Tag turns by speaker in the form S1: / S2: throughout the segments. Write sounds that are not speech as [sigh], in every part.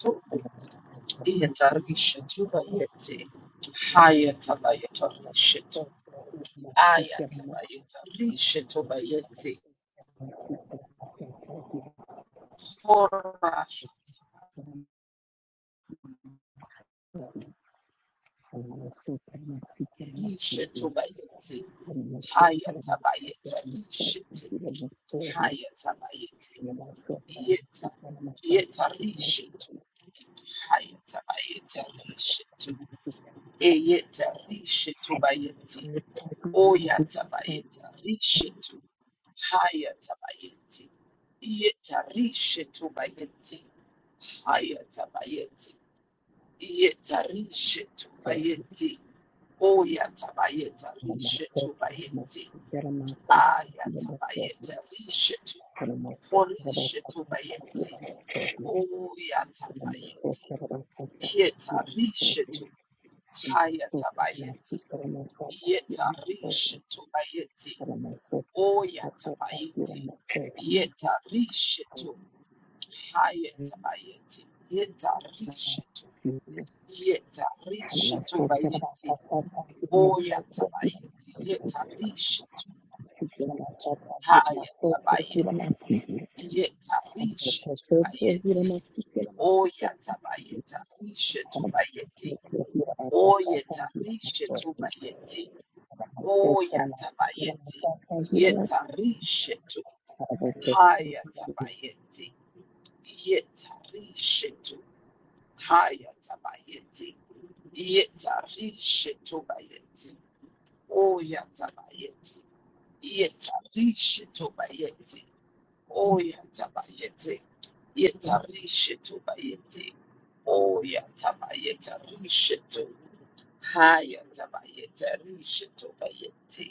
S1: Tobe yetarishetubayete hayatabayetarishetu ayatabayetarishetubayete horasha yishetubayete hayatabayetarishetu hayatabayete yeta yetarishetu hayatabayetarishetu eyetarishetubayete Oyatabayeta rishetu. Hayatabayeti. Yeta rishetu bayeti. Hayatabayeti. Yeta rishetu bayeti. Oyatabayeta rishetu bayeti. Ayatabayeta rishetu. Horishetu bayeti. Oyatabayeti. Yeta rishetu. Hayatabayeti. Yeta rishetu bayeti. Oyatabayeti. Yetarishitu. Hayatabayeti. Yetarishitu. Yetarishitu bayeti. Oyatabayeti. Yetarishitu. Hayatabayeti. Yetarishitu bayeti. Oyatabayetarishitu bayeti. Oyetarishitu bayeti. Oyatabayeti. Yetarishitu. Hayatabayeti. Yetarishetu hayatabayeti. Yetarishetubayeti. Oyatabayeti. Yetarishetubayeti. Oyatabayeti. Yetarishetubayeti. Oyatabayetarishetu. Hayatabayetarishetubayeti.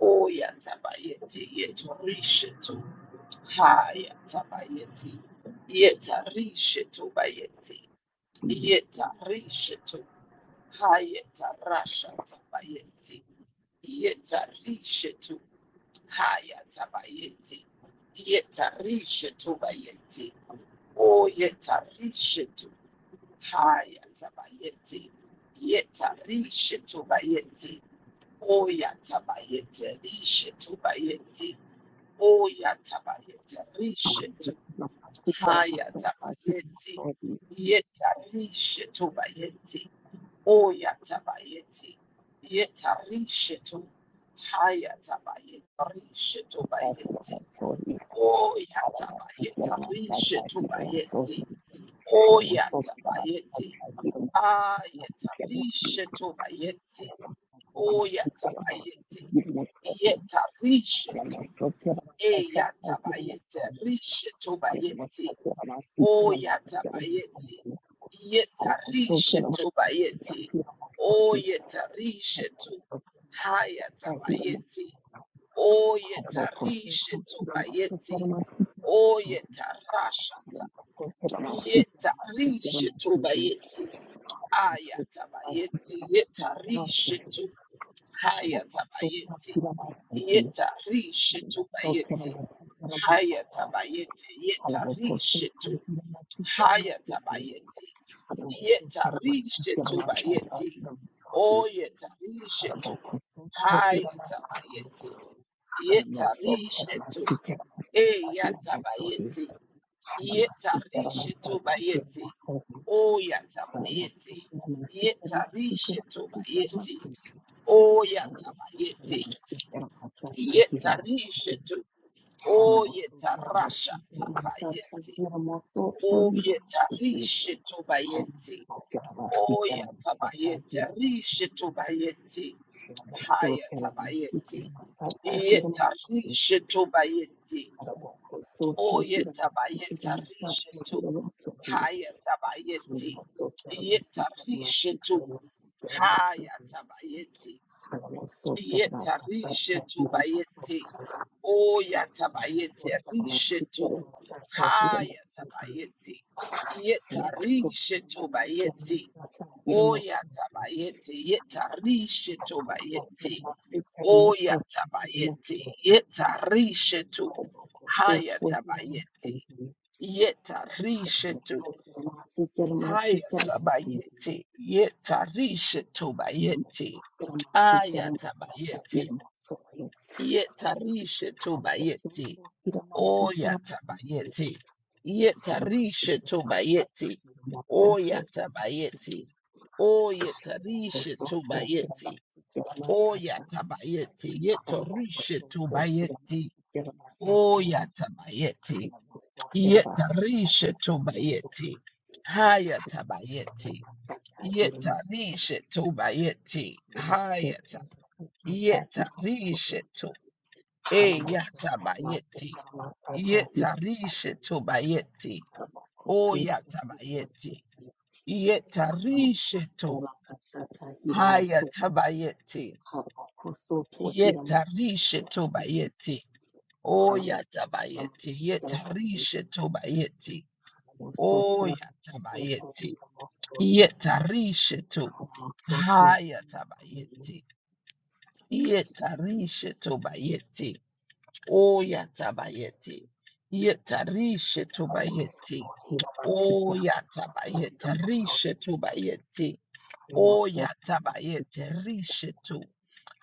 S1: Oh, yatabayeti, yetorishetu. Ha, yatabayeti. Yetarishetu bayeti. Yetarishetu. Ha, yetarasha tabayeti. Yetarishetu. Ha, yatabayeti. Yetarishetu bayeti. Oh, yetarishetu. Ha, yatabayeti. Yetarishetu bayeti. Oh, yatabayeti. Rishetu bayeti. Oya tabayeta rishetu. Haya tabayeti. Yeta rishetu bayeti. Oya tabayeti. Yeta rishetu. Haya tabayeta rishetu bayeti. Oya tabayeta rishetu bayeti. Oya tabayeti. Ayeta rishetu bayeti. Oya tabayeti. Yeta rishetu E Eyatabayete, Rishetobayete, Oyatabayete, Yetarishetobayete, Oyetarishetu, Hayatabayete, Oyetarishetobayete, Oyetarashata, Yetarishetobayete, Ayatabayete, Yetarishetu, Hayatabayete. Yeta rishetu bayeti. Hayata bayeti. Yeta rishetu. Hayata bayeti. Yeta rishetu bayeti. O yeta rishetu. Hayata bayeti. Yeta rishetu. E yata bayeti. Yeta rishetu bayeti. O yata bayeti. Yeta rishetu bayeti. O yata bayeti. Yeta Oyetarasha tabayete. Oyetarishe tobayete. Oyatabayete rishe tobayete. Haya tabayete. Yetarishe tobayete. Oyetabayete rishe to. Haya tabayete. Yetarishe to. Haya tabayete. Yeta rishetu bayeti. O yata bayeti rishetu. Ha yata bayeti. Yeta rishetu bayete, O yata bayeti. Yeta rishetu bayeti. O yata bayeti. Yeta rishetu. Ha yata bayeti. Yeta rishetu. Ha yata bayeti. Yeta rishetu bayeti. Ayatabayeti. Yetarisha tobayeti. Oya tabayeti. Yetarisha tobayeti. Oya tabayeti. Oya tarisha tobayeti. Oya tabayeti. Yetarisha tobayeti. Oya tabayeti. Yetarisha tobayeti. Haya tabayeti. Yetarisha tobayeti. Hayata. Yetarisha E yatabayeti. Yetarishe to bayeti. O yatabayeti. Yetarishe to. Haya tabayeti. Yetarishe to bayeti. O yatabayeti. Yetarishe to bayeti. O yatabayeti. Yetarishe to. Haya tabayeti. Yetarishe to bayeti. O yatabayeti. Yetarishe tobayeti. O yatabayeta rishe tobayeti. O yatabayete rishe to.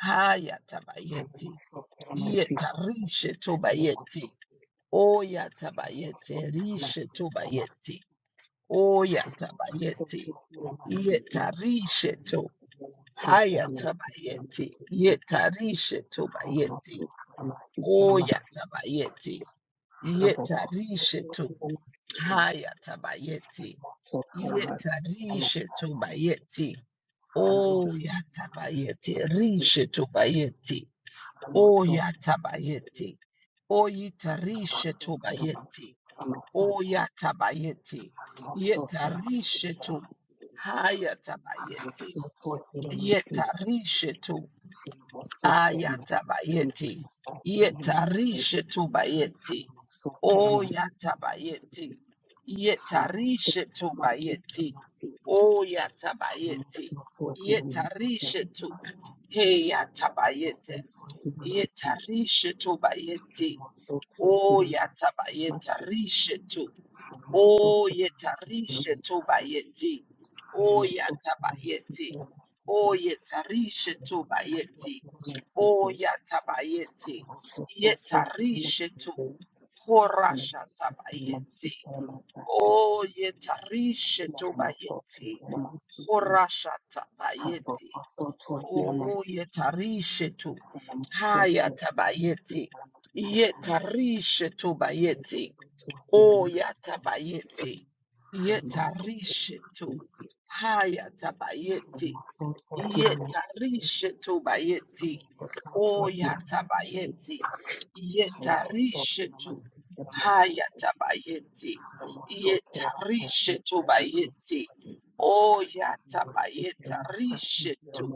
S1: Hayatabayeti. Yetarishe tobayeti. O yatabayete rishe tobayeti. O yatabayeti. Yetarishe to. Hayatabayeti. Yetarishe tobayeti. O yatabayeti. Yetarishetu. Hayatabayeti. Yetarishetu bayeti. Oh yatabayeti. Rishetu bayeti. Oh yatabayeti. Oh yetarishetu bayeti. Oh yatabayeti. Yetarishetu. Hayatabayeti. Yetarishetu. Ayatabayeti. Yetarishe tubayeti. O yatabayeti. Yetarishe tubayeti. O yatabayeti. Yetarishe tu. Hey yatabayete. Yetarishe tubayeti. O yatabayeta rishe tu. O yetarishe tobayeti. O yatabayeti. O yetarishe tobayeti. O yatabayeti. Yetarishe to horasha taba tabayeti. O yetarishe tobayeti. Horasha taba tabayeti. O yetarishe to haya tabayeti. Yetarishe tobayeti. O yatabayeti, yetarishetu, hayatabayeti, yetarishetu bayeti, o yatabayeti, yetarishetu, hayatabayeti, yetarishetu bayeti, o yatabayeta rishetu,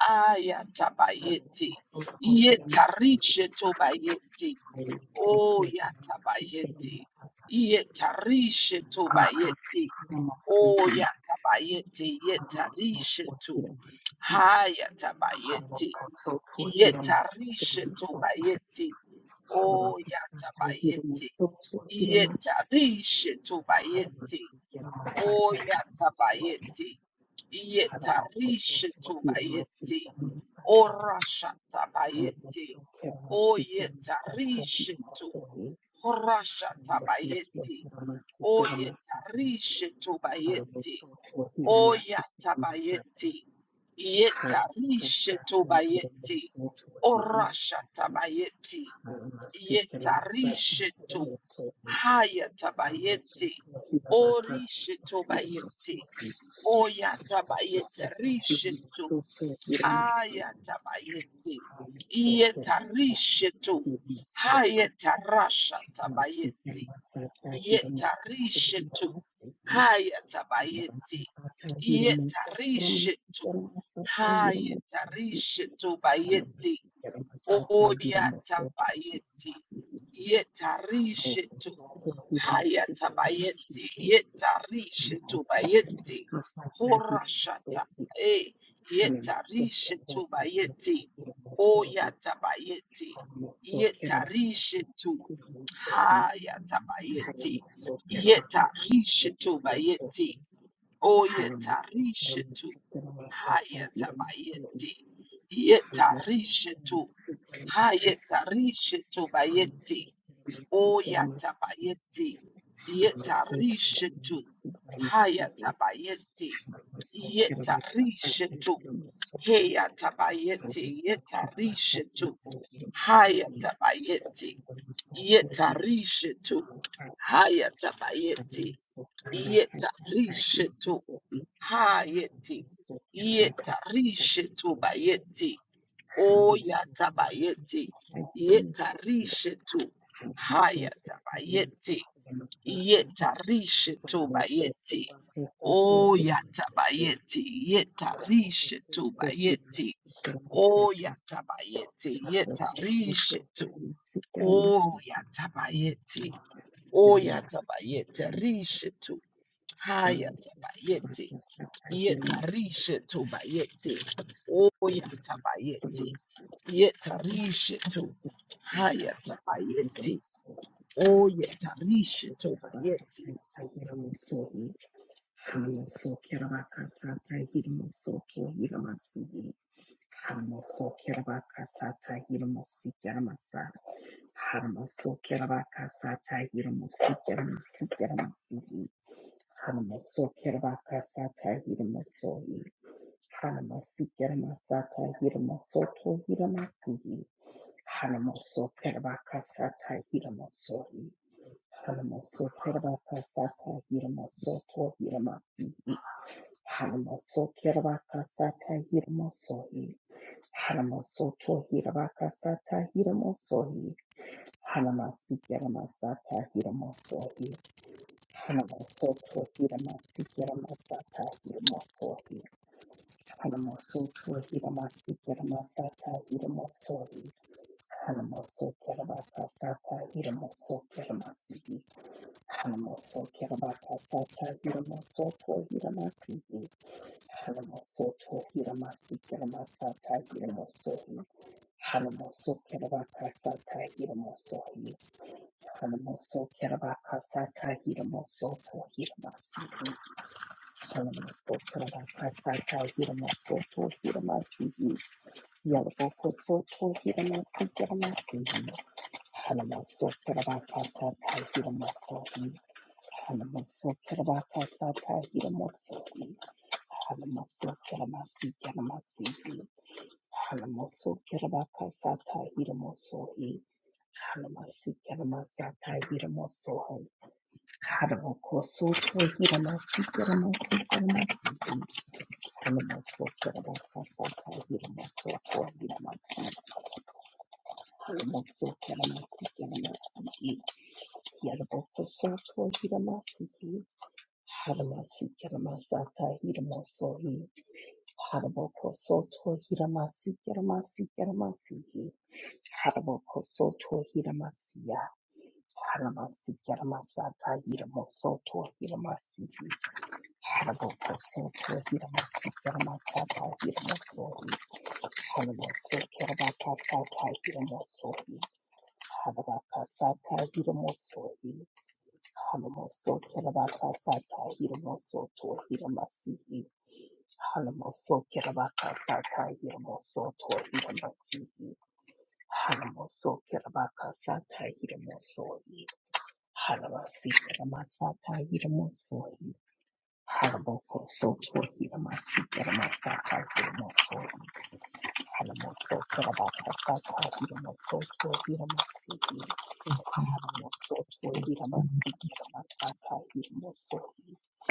S1: ayatabayeti, yetarishetu bayeti, O yatabayeti. Yetarishe tu bayeti. O yatabayeti. Yetarishe tu. Hayatabayeti. Yetarishe tu bayeti. O yatabayeti. Yetarishe tu bayeti. O yatabayeti. Yetarishe tu bayeti. O rashatabayeti. O yetarishe Horasha tabayeti, Oyeta rishe tobayeti. Oya tabayeti, Yeta rishe tobayeti. Orasha tabayeti, Yeta rishe to. Haya tabayeti, Orishe tobayeti. oya Horashatabayeti. Oyetarishe Oyatabayeti. Yetarishe Orashatabayeti. Yetarishetu. Hayatabayeti. Orishetobayeti. Oyatabayeti. Rishetu. Ayatabayeti. Yetarishetu. Hayetarasha tabayeti yetarishetu hayatabayeti yetarishetu hayetarishetu bayeti Oyatabayeti, yetarishetu, hayatabayeti, yetarishetu bayeti, horashata, eh, yetarishetu bayeti, oyatabayeti, yetarishetu, hayatabayeti, yetarishetu bayeti, Oyetarishitu. Hayatabayeti. Yetarishitu. Hayetarishitu bayeti. Oyatabayeti. Yetarishitu. Hayatabayeti. Yetarishitu. Heyatabayeti. Yetarishitu. Hayatabayeti. Yetarishitu. Hayatabayeti. Yetarishitu. Ha yeti. Yeta rishetu ba yeti. O yata ba yeti. Yeta rishetu. Ha yata ba yeti. Yeta rishetu ba yeti. O yata ba yeti. Yeta rishetu ba yeti. O yatabayeti, yetarishetu. O yatabayeti, o yatabayeti, rishetu. Hayatabayeti, Yetarisha to bayeti. Oh yatabayeti. Yetarisha to hayatabayeti. Oh yetarisha to bayeti.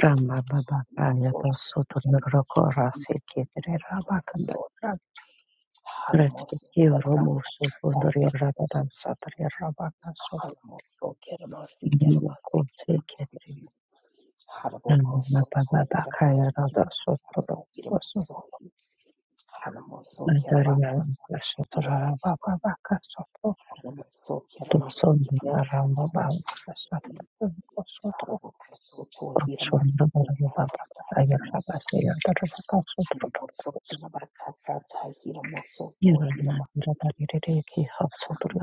S2: Ramba baba kaya basoto niroko rasi ketri raba kandar rasi kiro musu kundur raba dan satar raba kasoto kunsi ketri ramba baba kaya rada soto basoto nadari ramba soto raba baba kasoto tupson dia ramba baba kasoto Problems of the world are not solved by the world's leaders. The world's leaders are not the solution. The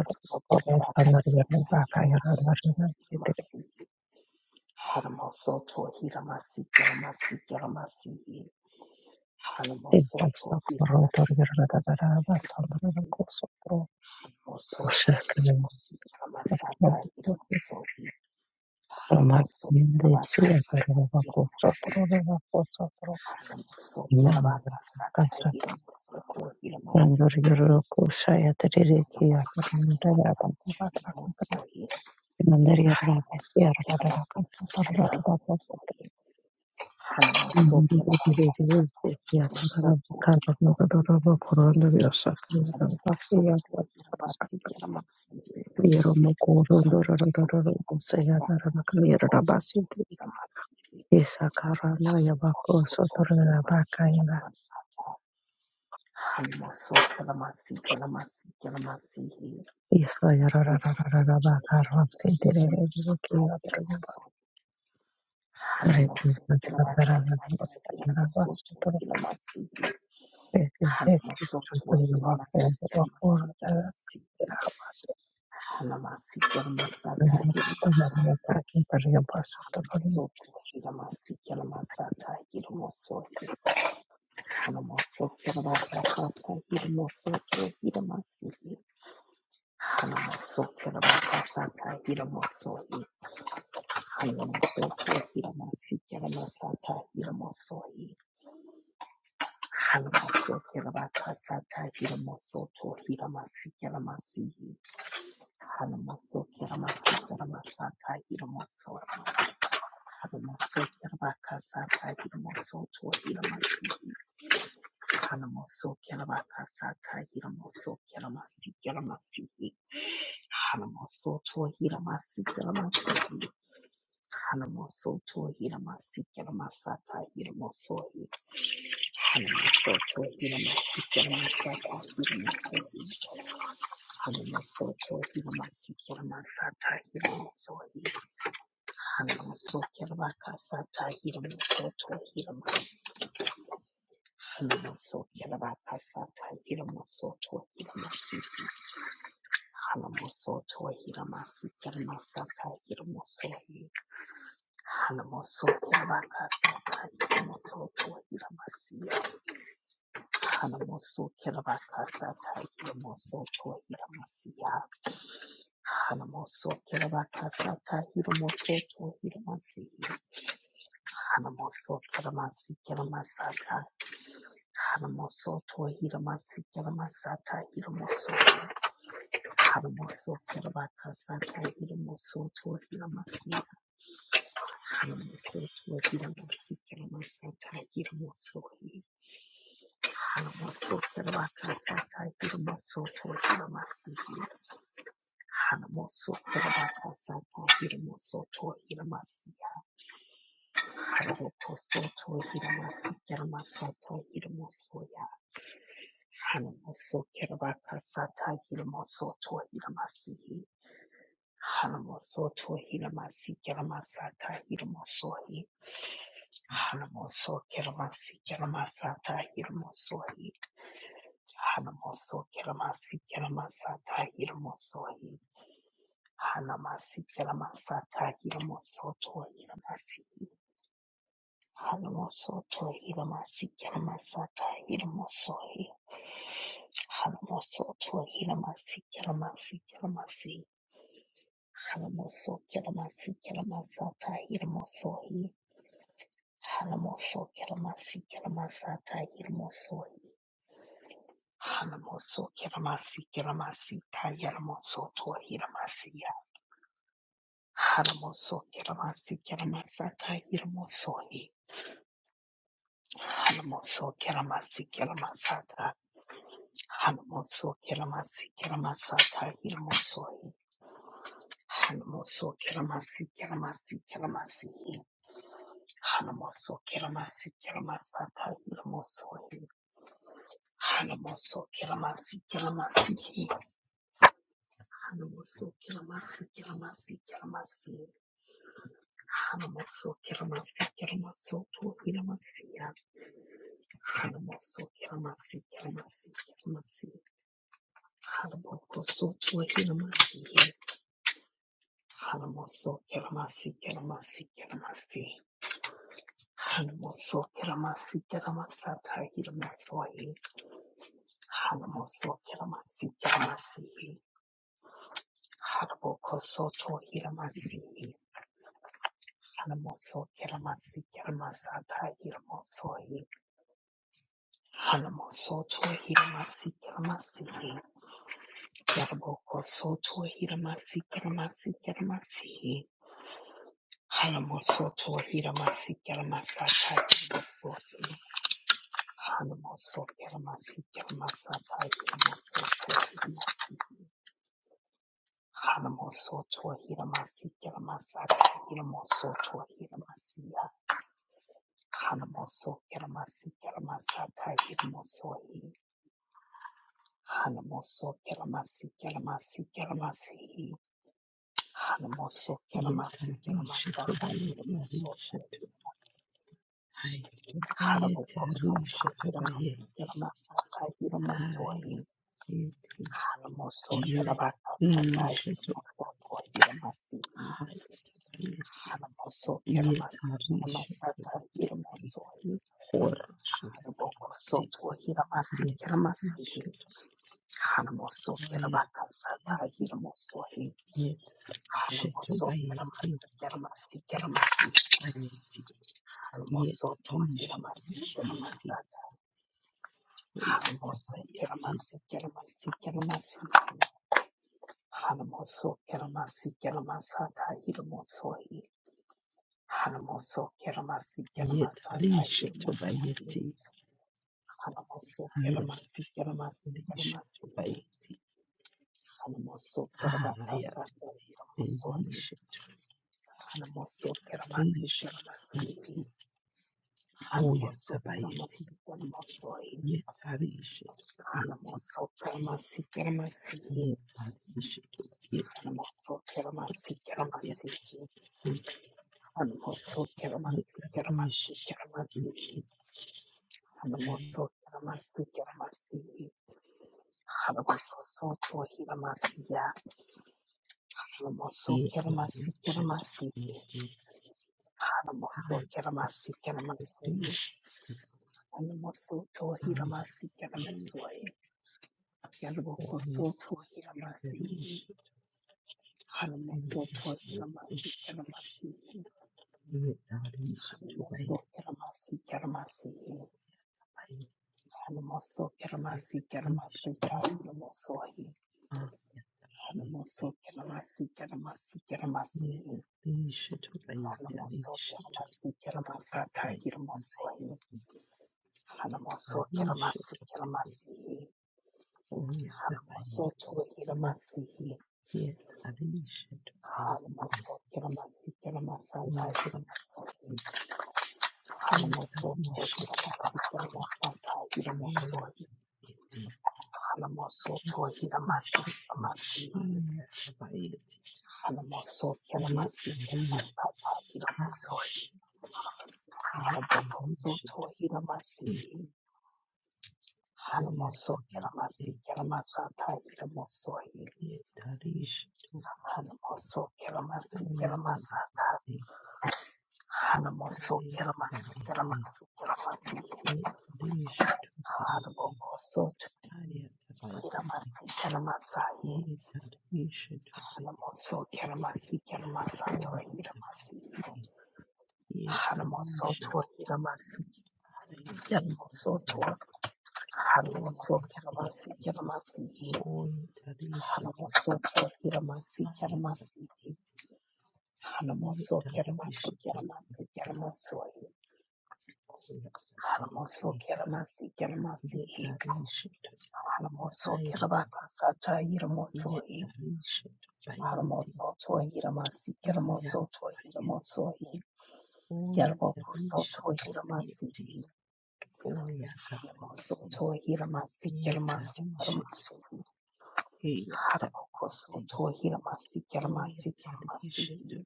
S2: world's leaders are not the solution. The world's leaders are not the solution. The world's leaders are not the solution. The world's leaders are not the solution. The world's leaders are not the solution. The world's leaders are not the solution. The world's leaders are not the solution. Yes,
S1: Yetarisha to bayeti. Risha to hayatabayeti. Risha to bayeti. Hayatabayeti. Yetarisha to hayatabayeti. Yetarisha to bayeti. Horasha to bayeti. Bayeti yet shetu bayeti rashu bayeti yet rishetu bayeti yet bayeti yet rishetu bayeti hayat rishetu bayeti hayat bayeti rishetu yet rishetu yet hoyat bayeti yet rishetu bayeti yet rishetu bayeti Yet, I should wait. Ye tarisha to by ye, oh ye tabayeti, Yetarishe Hey, yatabayeti. Oh, yatabayeti.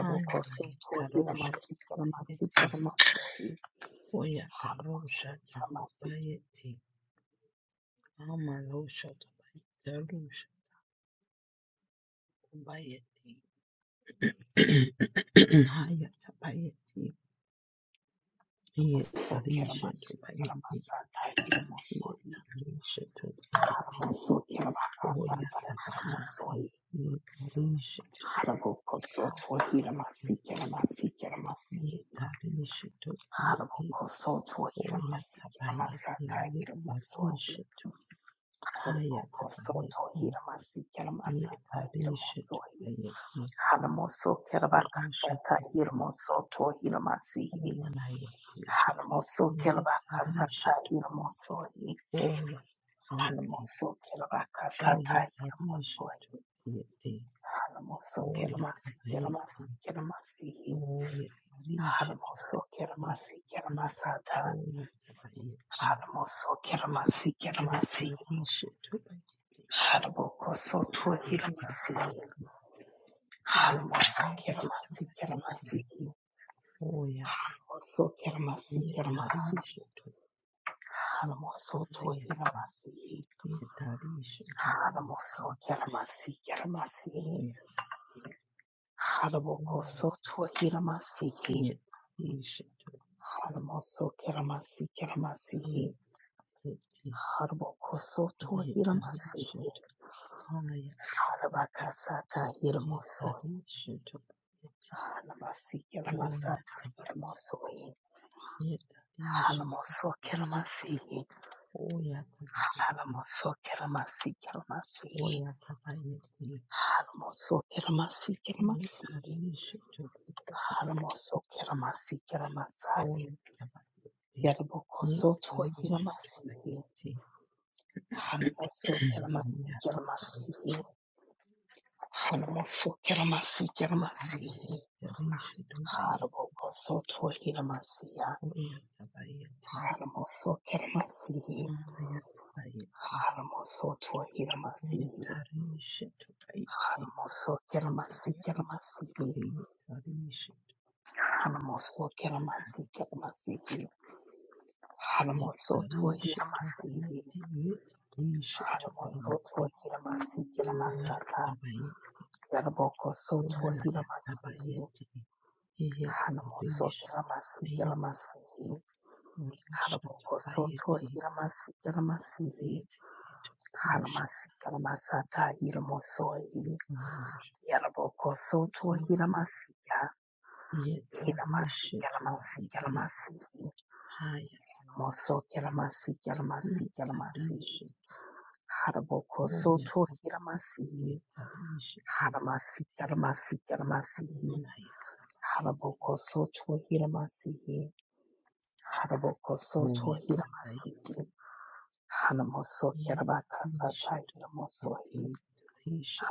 S1: Hanaytarusha Bayeti Hoyatarushata Bayeti Amarushata Bayetarusha Bayeti [clears throat] Hayata Bayeti Yetarisha to Bayeti Yetarisha to Bayeti Hoyata Bayeti Yetarisha to Hayata Yetarisha to Bayeti Hoyata Bayeti Yetarisha Hayatabayeti Yetarishabayeti Urashatabayeti Omanayeti Yetarishat Oyatabayeti Oyetarishabayeti Oyatabayeti Oyetarishabayeti Oyatabayeti Yetarishabayeti Hayatabayeti Yetarishabayeti Oyatabayeti Yetarishabayeti, Hayati yetarisha tabayeti oyata oyata yetarisha tabayeti yetarisha tabaya yetarisha tabayeti oyata yetarisha tabayeti oyata bayeti oyata bayeti yetarisha tabayeti oyata bayeti yetarisha tabayeti Yet, Yetarishe tobayeti haya tabati yetarishe toboyeta yetarishe tobayeti omanaya tabayeti oyetabayeti yetarishe tobayeti yetarishe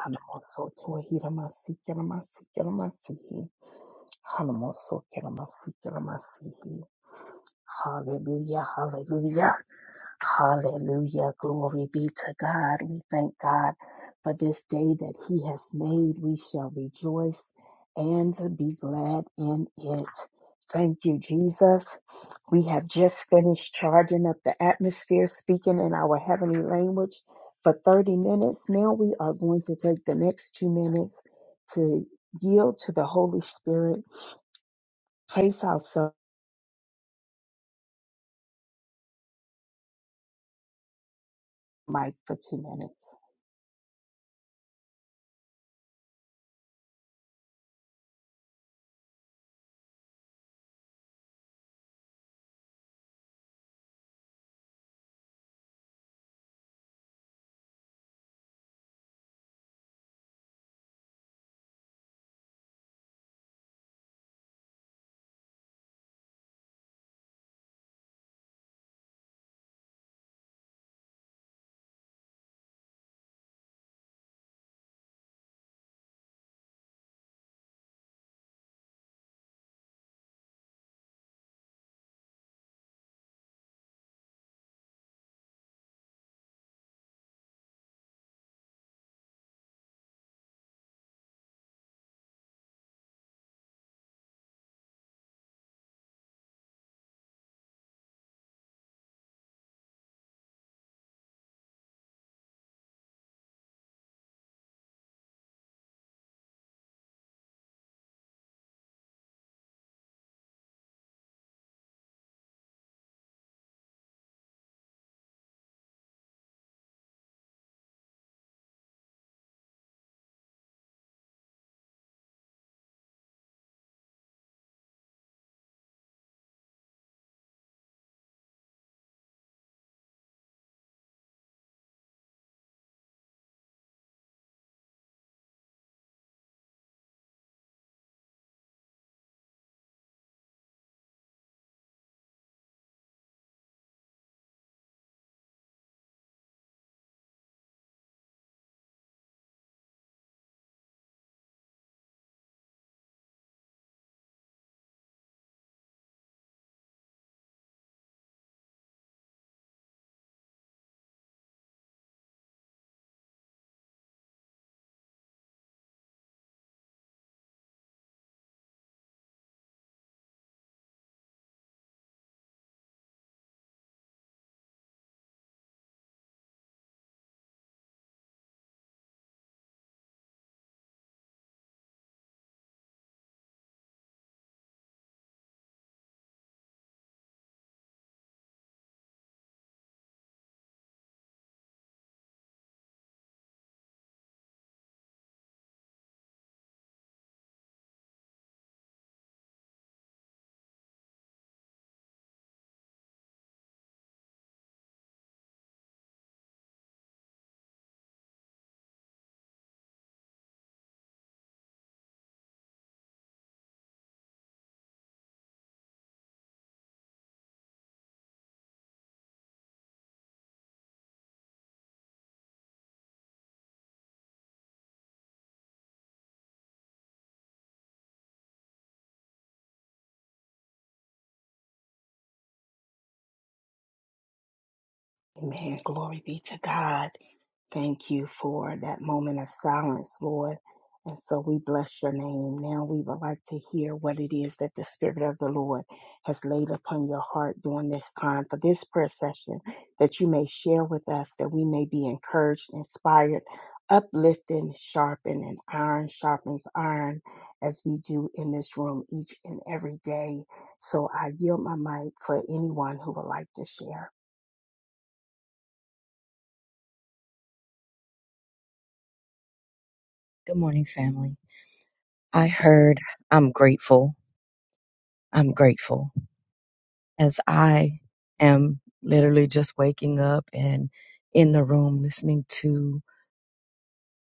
S2: Good morning, family. I heard I'm grateful. I'm grateful as I am literally just waking up and in the room listening to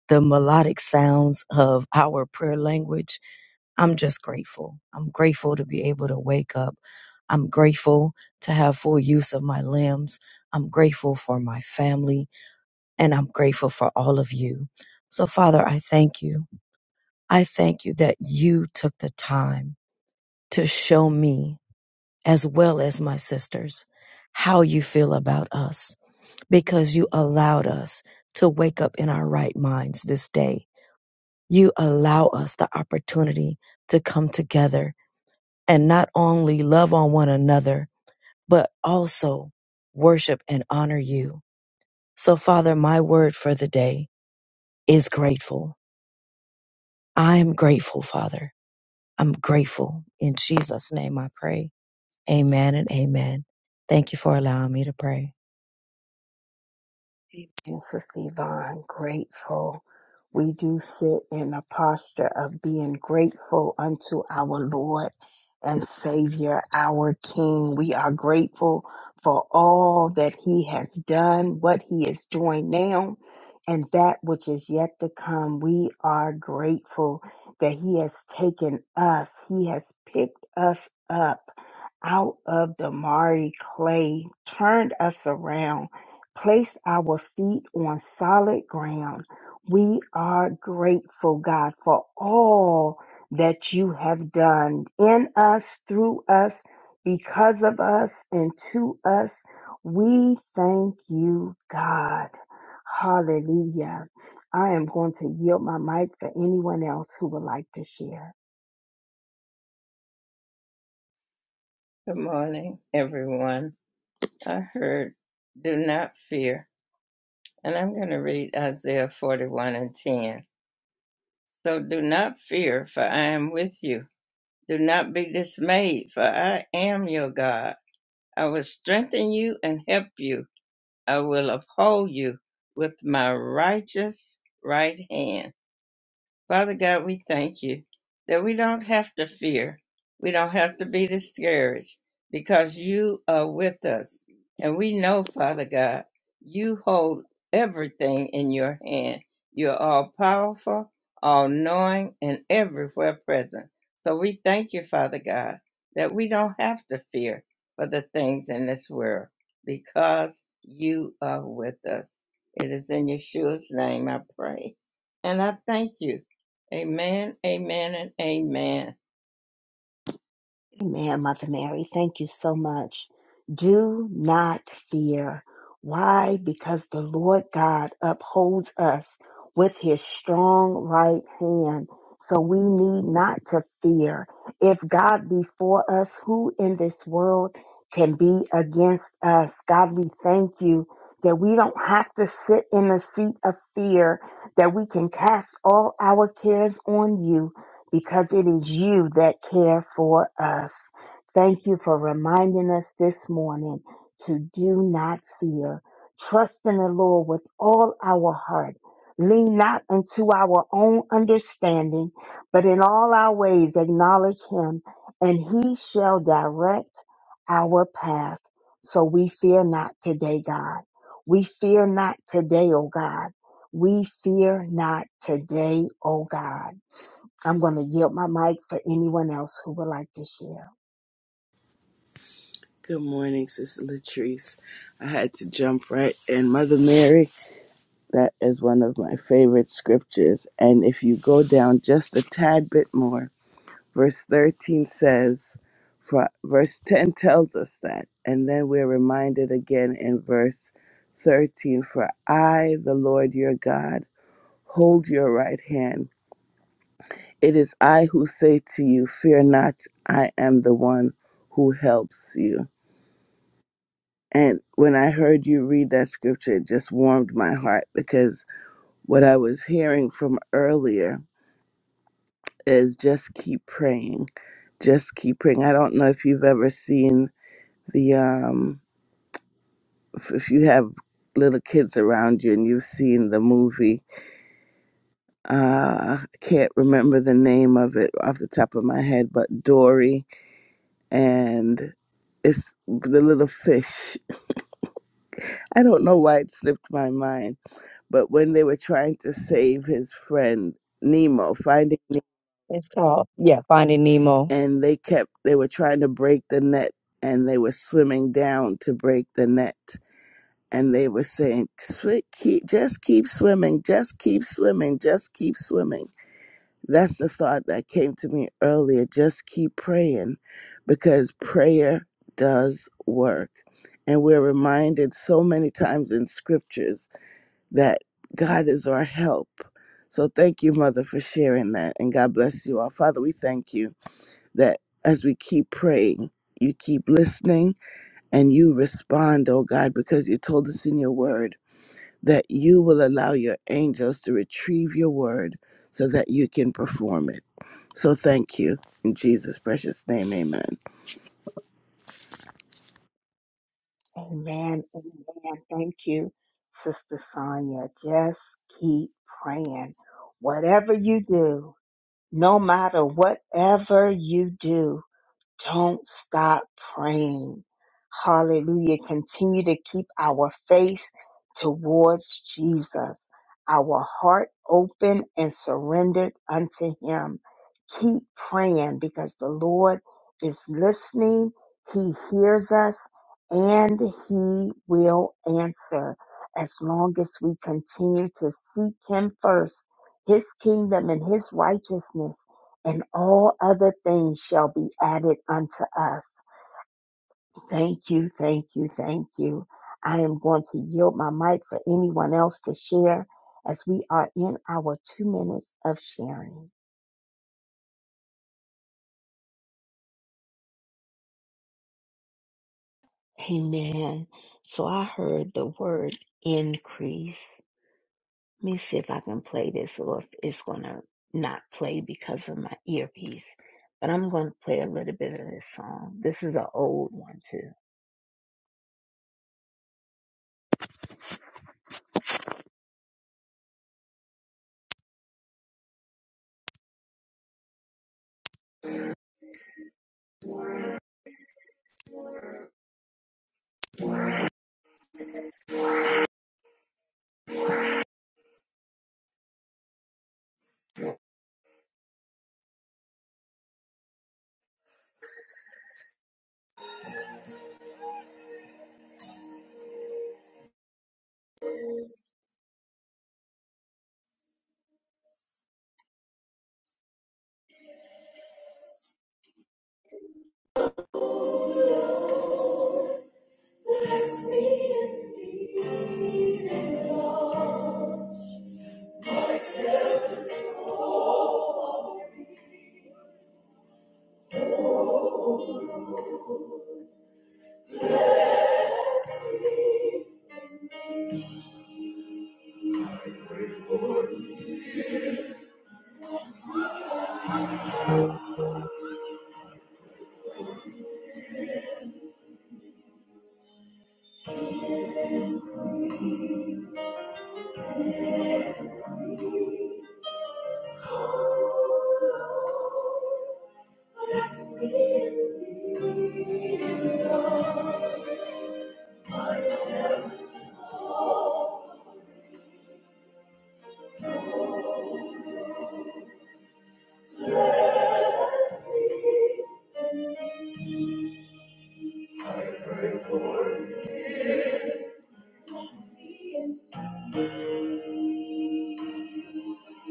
S2: the melodic sounds of our prayer language I'm just grateful. I'm grateful to be able to wake up. I'm grateful to have full use of my limbs. I'm grateful for my family and I'm grateful for all of you. So Father, I thank you. I thank you that you took the time to show me as well as my sisters how you feel about us because you allowed us to wake up in our right minds this day. You allow us the opportunity to come together and not only love on one another, but also worship and honor you. So, Father, my word for the day is grateful. I'm grateful, Father. I'm grateful. In Jesus' name I pray. Amen and amen. Thank you for allowing me to pray.
S3: Good morning, everyone. I heard, do not fear. And I'm going to read Isaiah 41 and 10. So do not fear, for I am with you. Do not be dismayed, for I am your God. I will strengthen you and help you. I will uphold you with my righteous right hand Father God, we thank you that we don't have to fear. We don't have to be discouraged because you are with us. And we know, Father God, you hold everything in your hand. You're all powerful, all knowing, and everywhere present. So we thank you, Father God, that we don't have to fear for the things in this world because you are with us. It is in Yeshua's name I pray. And I thank you Amen, amen, and amen.
S4: Good morning, Sister Latrice. I had to jump right in. Mother Mary, that is one of my favorite scriptures. And if you go down just a tad bit more, verse 13 says, for verse 10 tells us that. And then we're reminded again in verse 13 For I, the Lord your God, hold your right hand. It is I who say to you, Fear not, I am the one who helps you. And when I heard you read that scripture, it just warmed my heart because what I was hearing from earlier is just keep praying. Just keep praying. I don't know if you've ever seen the, um, if if you have little kids around you and you've seen the movie, uh, I can't remember the name of it off the top of my head, but Dory and it's the little fish. I don't know why it slipped my mind but when they were trying to save his friend Nemo, finding Nemo,
S2: It's called, yeah, Finding Nemo.
S4: and they kept they were trying to break the net and they were swimming down to break the net and they were saying "Swi- keep just keep swimming just keep swimming just keep swimming that's the thought that came to me earlier just keep praying because prayer does work and we're reminded so many times in scriptures that God is our help. So thank you, Mother, for sharing that. And God bless you all. Father, we thank you that as we keep praying, you keep listening and you respond, oh God, because you told us in your word that you will allow your angels to retrieve your word so that you can perform it. So thank you. In Jesus' precious name, amen.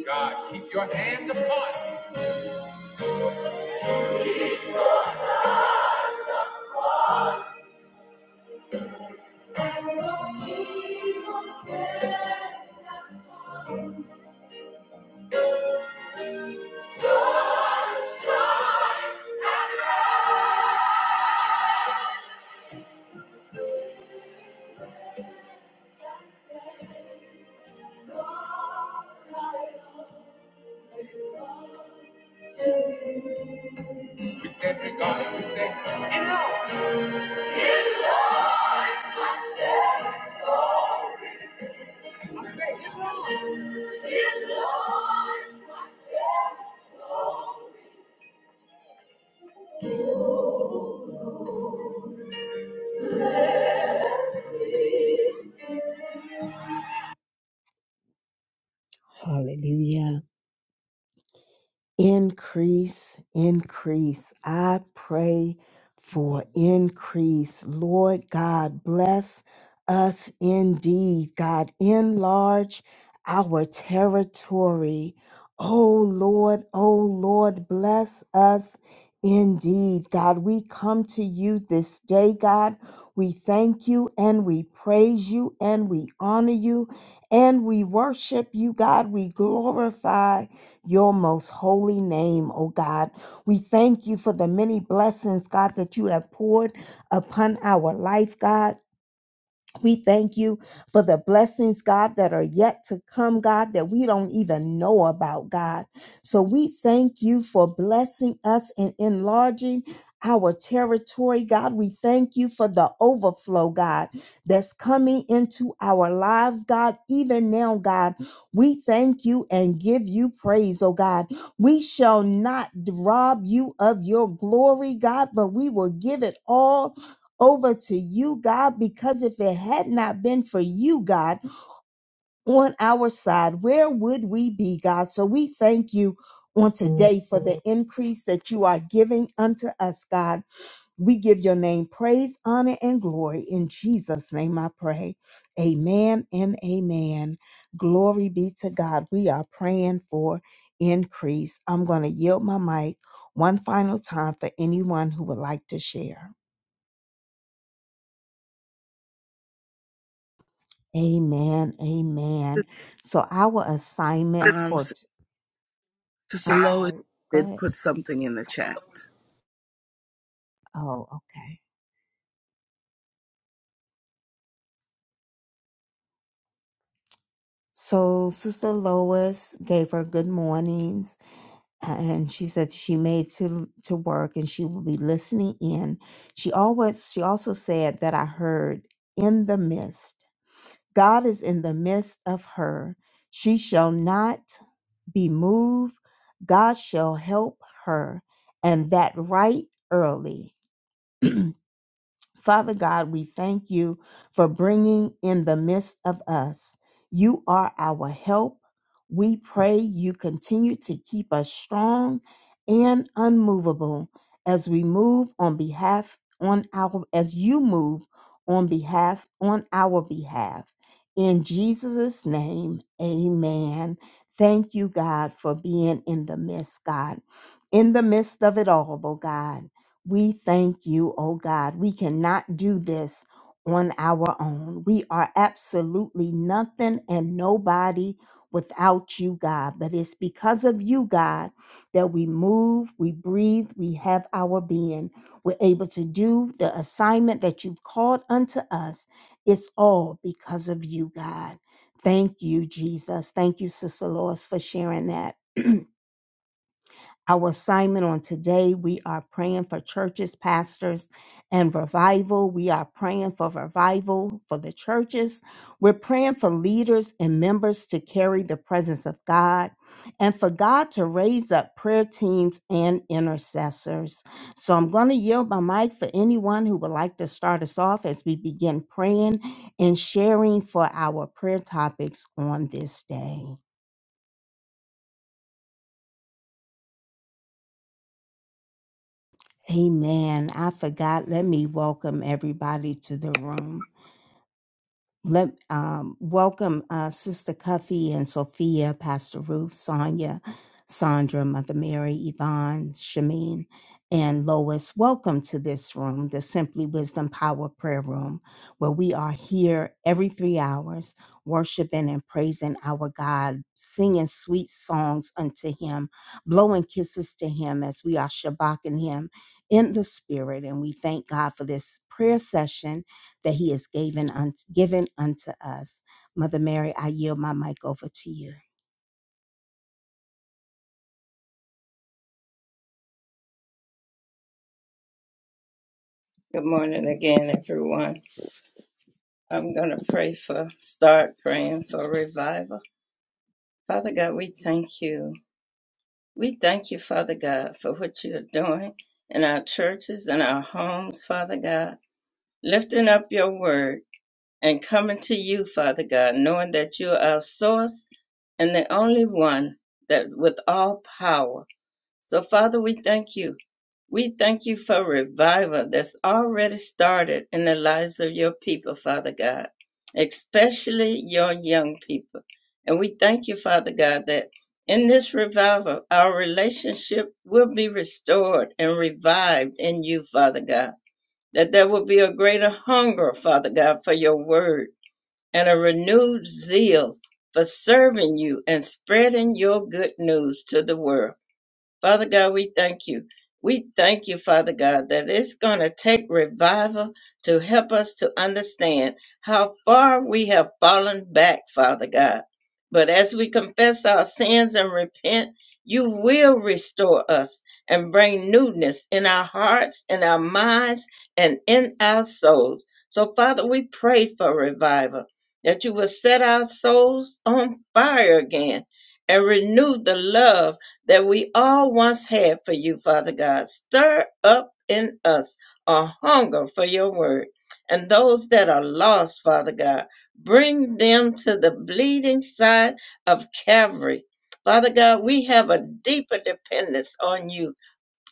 S5: God, keep your hand upon me. We stand in God and we say, I say, it Lord. It Lord, my soul. Bless me.
S4: Um, Sister Lois did put something in the chat.
S3: Good morning again, everyone. I'm going to pray for, start praying for revival. Father God, we thank you. We thank you, Father God, for what you are doing in our churches and our homes, Father God, lifting up your word and coming to you, Father God, knowing that you are our source and the only one that with all power. So, Father, we thank you. We thank you for revival that's already started in the lives of your people, Father God, especially your young people. And we thank you, Father God, that in this revival, our relationship will be restored and revived in you, Father God. That there will be a greater hunger, Father God, for your word and a renewed zeal for serving you and spreading your good news to the world. Father God, we thank you. We thank you, Father God, that it's going to take revival to help us to understand how far we have fallen back, Father God. But as we confess our sins and repent, you will restore us and bring newness in our hearts, in our minds, and in our souls. So, Father, we pray for revival, that you will set our souls on fire again and renew the love that we all once had for you, Father God. Stir up in us a hunger for your word. And those that are lost, Father God, bring them to the bleeding side of Calvary. Father God, we have a deeper dependence on you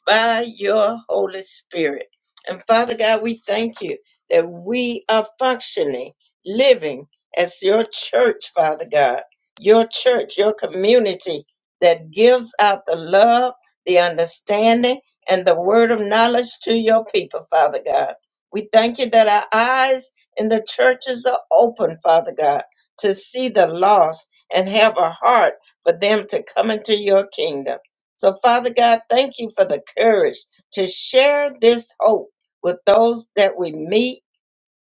S3: by your Holy Spirit. And Father God, we thank you that we are functioning, living as your church, Father God, your church, your community that gives out the love, the understanding, and the word of knowledge to your people, Father God. We thank you that our eyes in the churches are open, Father God, to see the lost and have a heart for them to come into your kingdom. So, Father God, thank you for the courage to share this hope with those that we meet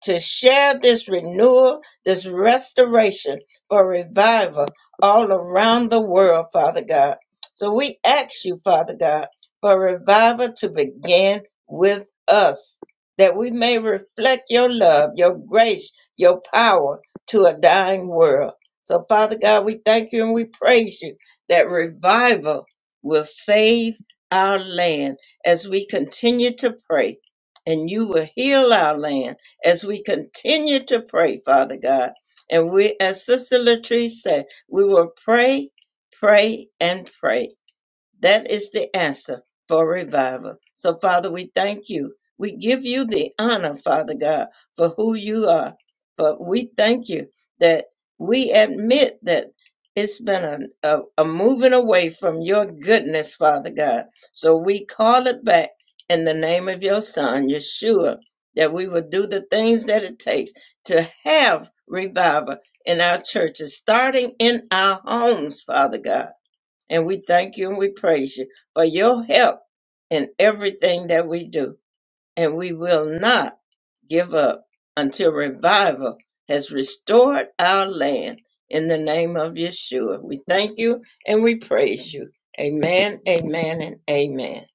S3: to share this renewal, this restoration for revival all around the world, Father God. So we ask you, Father God, for revival to begin with us, that we may reflect your love, your grace, your power to a dying world. So, Father God, we thank you and we praise you that revival will save our land as we continue to pray, and you will heal our land as we continue to pray, Father God. And we, as Sister Latrice said, we will pray, pray, and pray. That is the answer for revival. So, Father, we thank you. We give you the honor, Father God, for who you are. But we thank you that we admit that it's been a, a, a moving away from your goodness, Father God. So we call it back in the name of your Son, Yeshua, that we will do the things that it takes to have revival in our churches, starting in our homes, Father God. And we thank you and we praise you for your help in everything that we do and we will not give up until revival has restored our land. In the name of Yeshua, we thank you and we praise you. Amen, amen, and amen.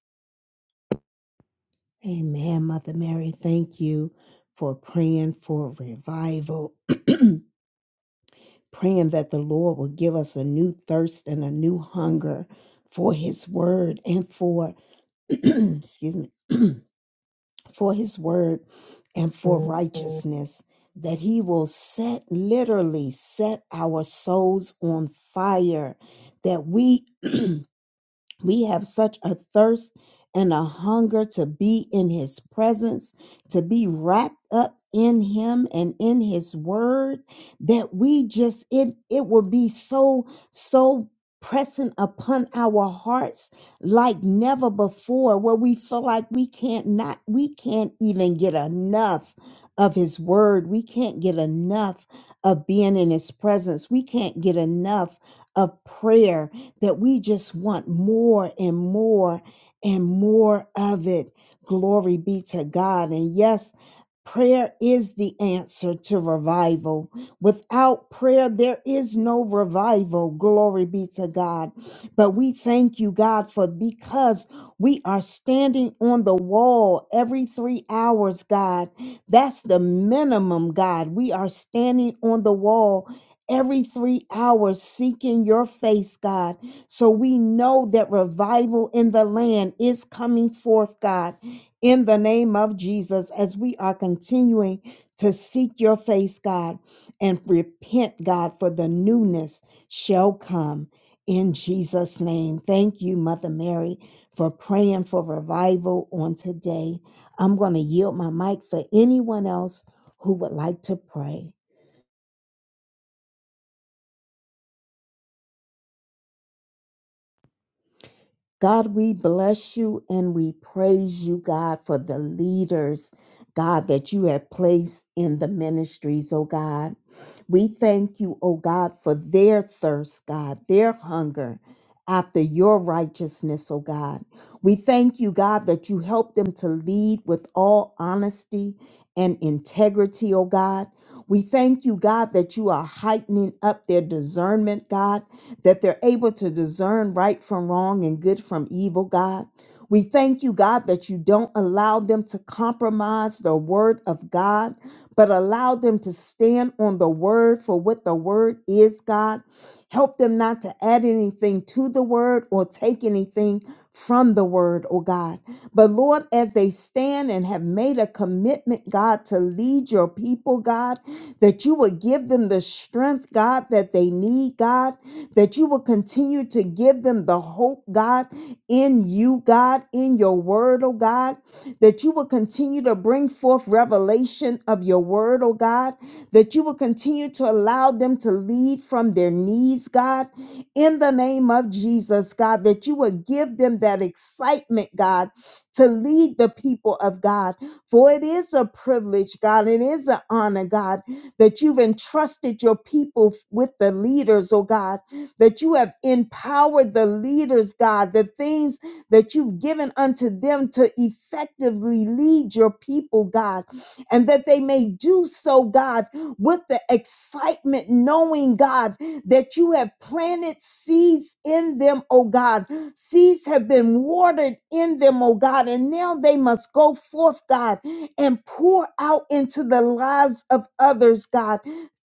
S5: word of God, but allow them to stand on the word for what the word is, God. Help them not to add anything to the word or take anything from the word, oh God. But Lord, as they stand and have made a commitment, God, to lead your people, God, that you will give them the strength, God, that they need, God, that you will continue to give them the hope, God, in you, God, in your word, oh God that you will continue to bring forth revelation of your word, oh God, that you will continue to allow them to lead from their knees, God, in the name of Jesus, God, that you will give them that excitement, God, to lead the people of God. For it is a privilege, God, it is an honor, God, that you've entrusted your people f- with the leaders, oh God, that you have empowered the leaders, God, the things that you've given unto them to effectively lead your people, God, and that they may do so, God, with the excitement, knowing, God, that you have planted seeds in them, oh God. Seeds have been watered in them, oh God, and now they must go forth, God, and pour out into the lives of others, God.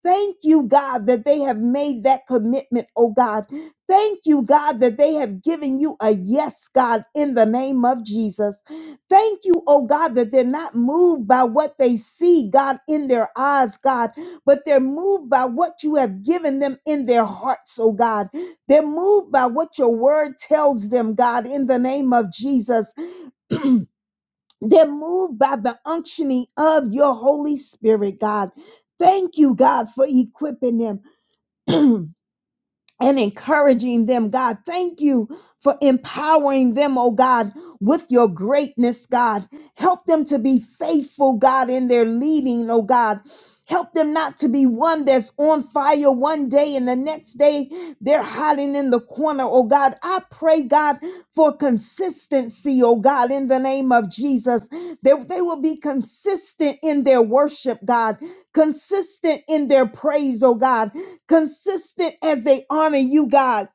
S5: Thank you, God, that they have made that commitment, oh God, Thank you, God, that they have given you a yes, God, in the name of Jesus. Thank you, oh God, that they're not moved by what they see, God, in their eyes, God, but they're moved by what you have given them in their hearts, oh God. They're moved by what your word tells them, God, in the name of Jesus. They're moved by the unctioning of your Holy Spirit, God. Thank you, God, for equipping them. [clears throat] and encouraging them, God. Thank you for empowering them, oh God, with your greatness, God. Help them to be faithful, God, in their leading, oh God. Help them not to be one that's on fire one day and the next day they're hiding in the corner, oh God. I pray, God, for consistency, oh God, in the name of Jesus. That they will be consistent in their worship, God, consistent in their praise, oh God consistent as they honor you, God,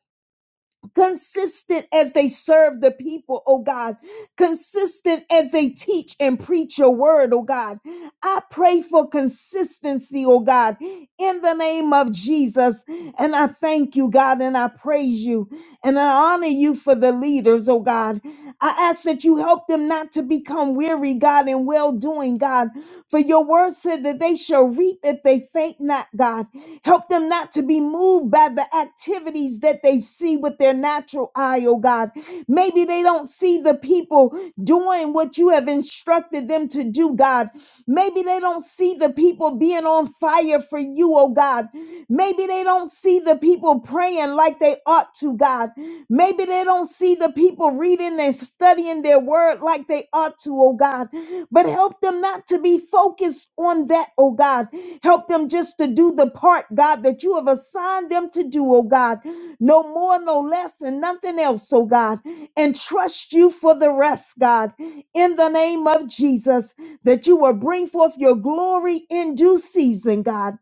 S5: consistent as they serve the people, oh God, consistent as they teach and preach your word, oh God. I pray for consistency, oh God, in the name of Jesus. And I thank you, God, and I praise you and I honor you for the leaders, oh God. I ask that you help them not to become weary, God, in well doing, God. For your word said that they shall reap if they faint not, God. Help them not to be moved by the activities that they see with their natural eye, oh God. Maybe they don't see the people doing what you have instructed them to do, God. Maybe they don't see the people being on fire for you, oh God. Maybe they don't see the people praying like they ought to, God. Maybe they don't see the people reading and studying their word like they ought to, oh God. But help them not to be focused on that, oh God. Help them just to do the part, God, that you have assigned them to do, oh God. No more, no less, and nothing else, oh God. And trust you for the rest, God. In the name of Jesus, that you will bring forth your glory in due season, God.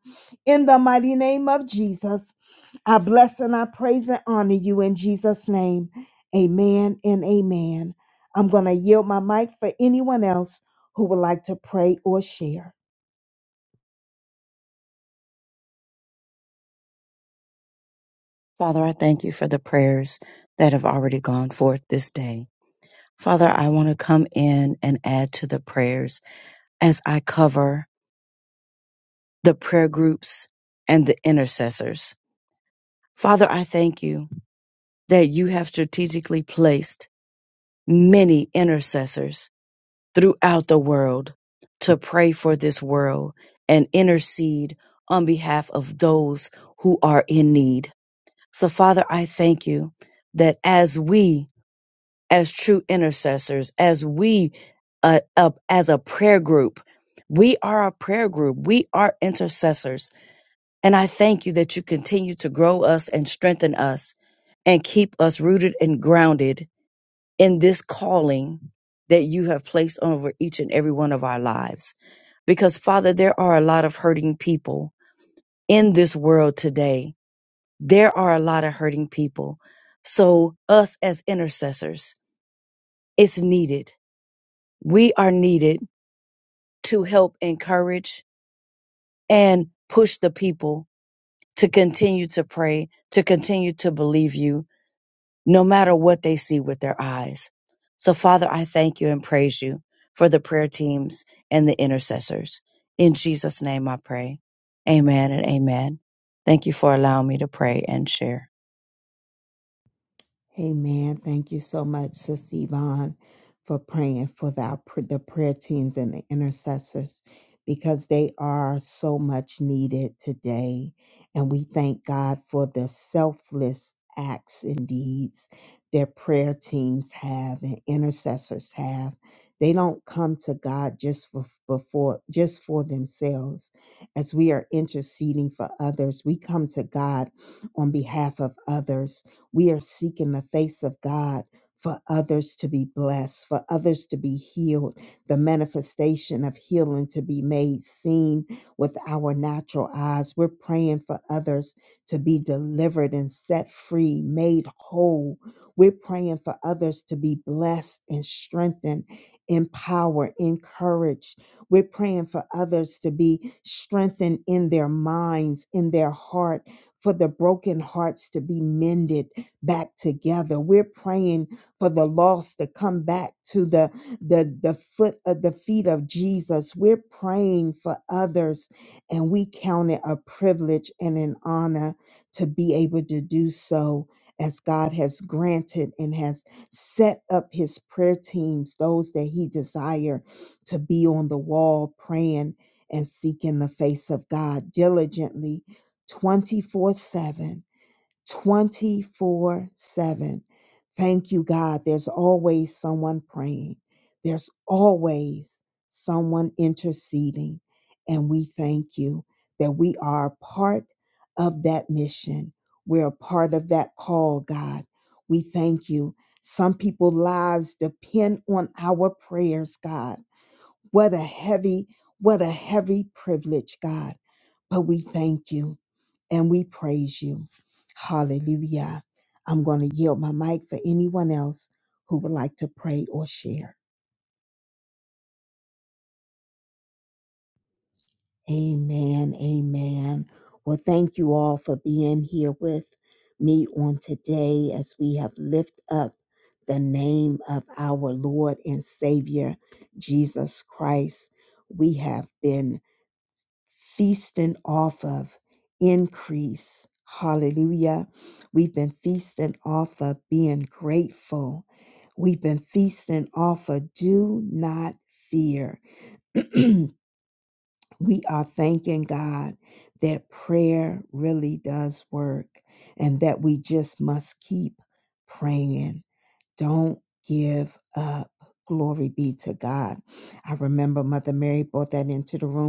S5: In the mighty name of Jesus. I bless and I praise and honor you in Jesus' name. Amen and amen. I'm going to yield my mic for anyone else who would like to pray or share.
S2: Father, I thank you for the prayers that have already gone forth this day. Father, I want to come in and add to the prayers as I cover the prayer groups, and the intercessors. Father, I thank you that you have strategically placed many intercessors throughout the world to pray for this world and intercede on behalf of those who are in need. So, Father, I thank you that as we, as true intercessors, as we, uh, uh, as a prayer group, we are a prayer group. We are intercessors And I thank you that you continue to grow us and strengthen us and keep us rooted and grounded in this calling that you have placed over each and every one of our lives. Because, Father, there are a lot of hurting people in this world today. There are a lot of hurting people. So, us as intercessors, it's needed. We are needed to help encourage and push the people to continue to pray, to continue to believe you, no matter what they see with their eyes. So, Father, I thank you and praise you for the prayer teams and the intercessors. In Jesus' name I pray. Amen and amen. Thank you for allowing me to pray and share.
S5: others set free, whole. We're praying for others to be blessed and strengthened, empowered, encouraged. We're praying for others to be strengthened in their minds, in their heart, for the broken hearts to be mended back together. We're praying for the lost to come back to the, the, the foot of the feet of Jesus. We're praying for others, and we count it a privilege and an honor to be able to do so as God has granted and has set up his prayer teams, those that he desire to be on the wall praying and seeking the face of God diligently. 27, 27. Thank you, God. There's always someone praying. There's always some interceding. And we thank you that we are part of that mission. We're a part of that call, God. We thank you. Some people's lives depend on our prayers, God. What a heavy, what a he-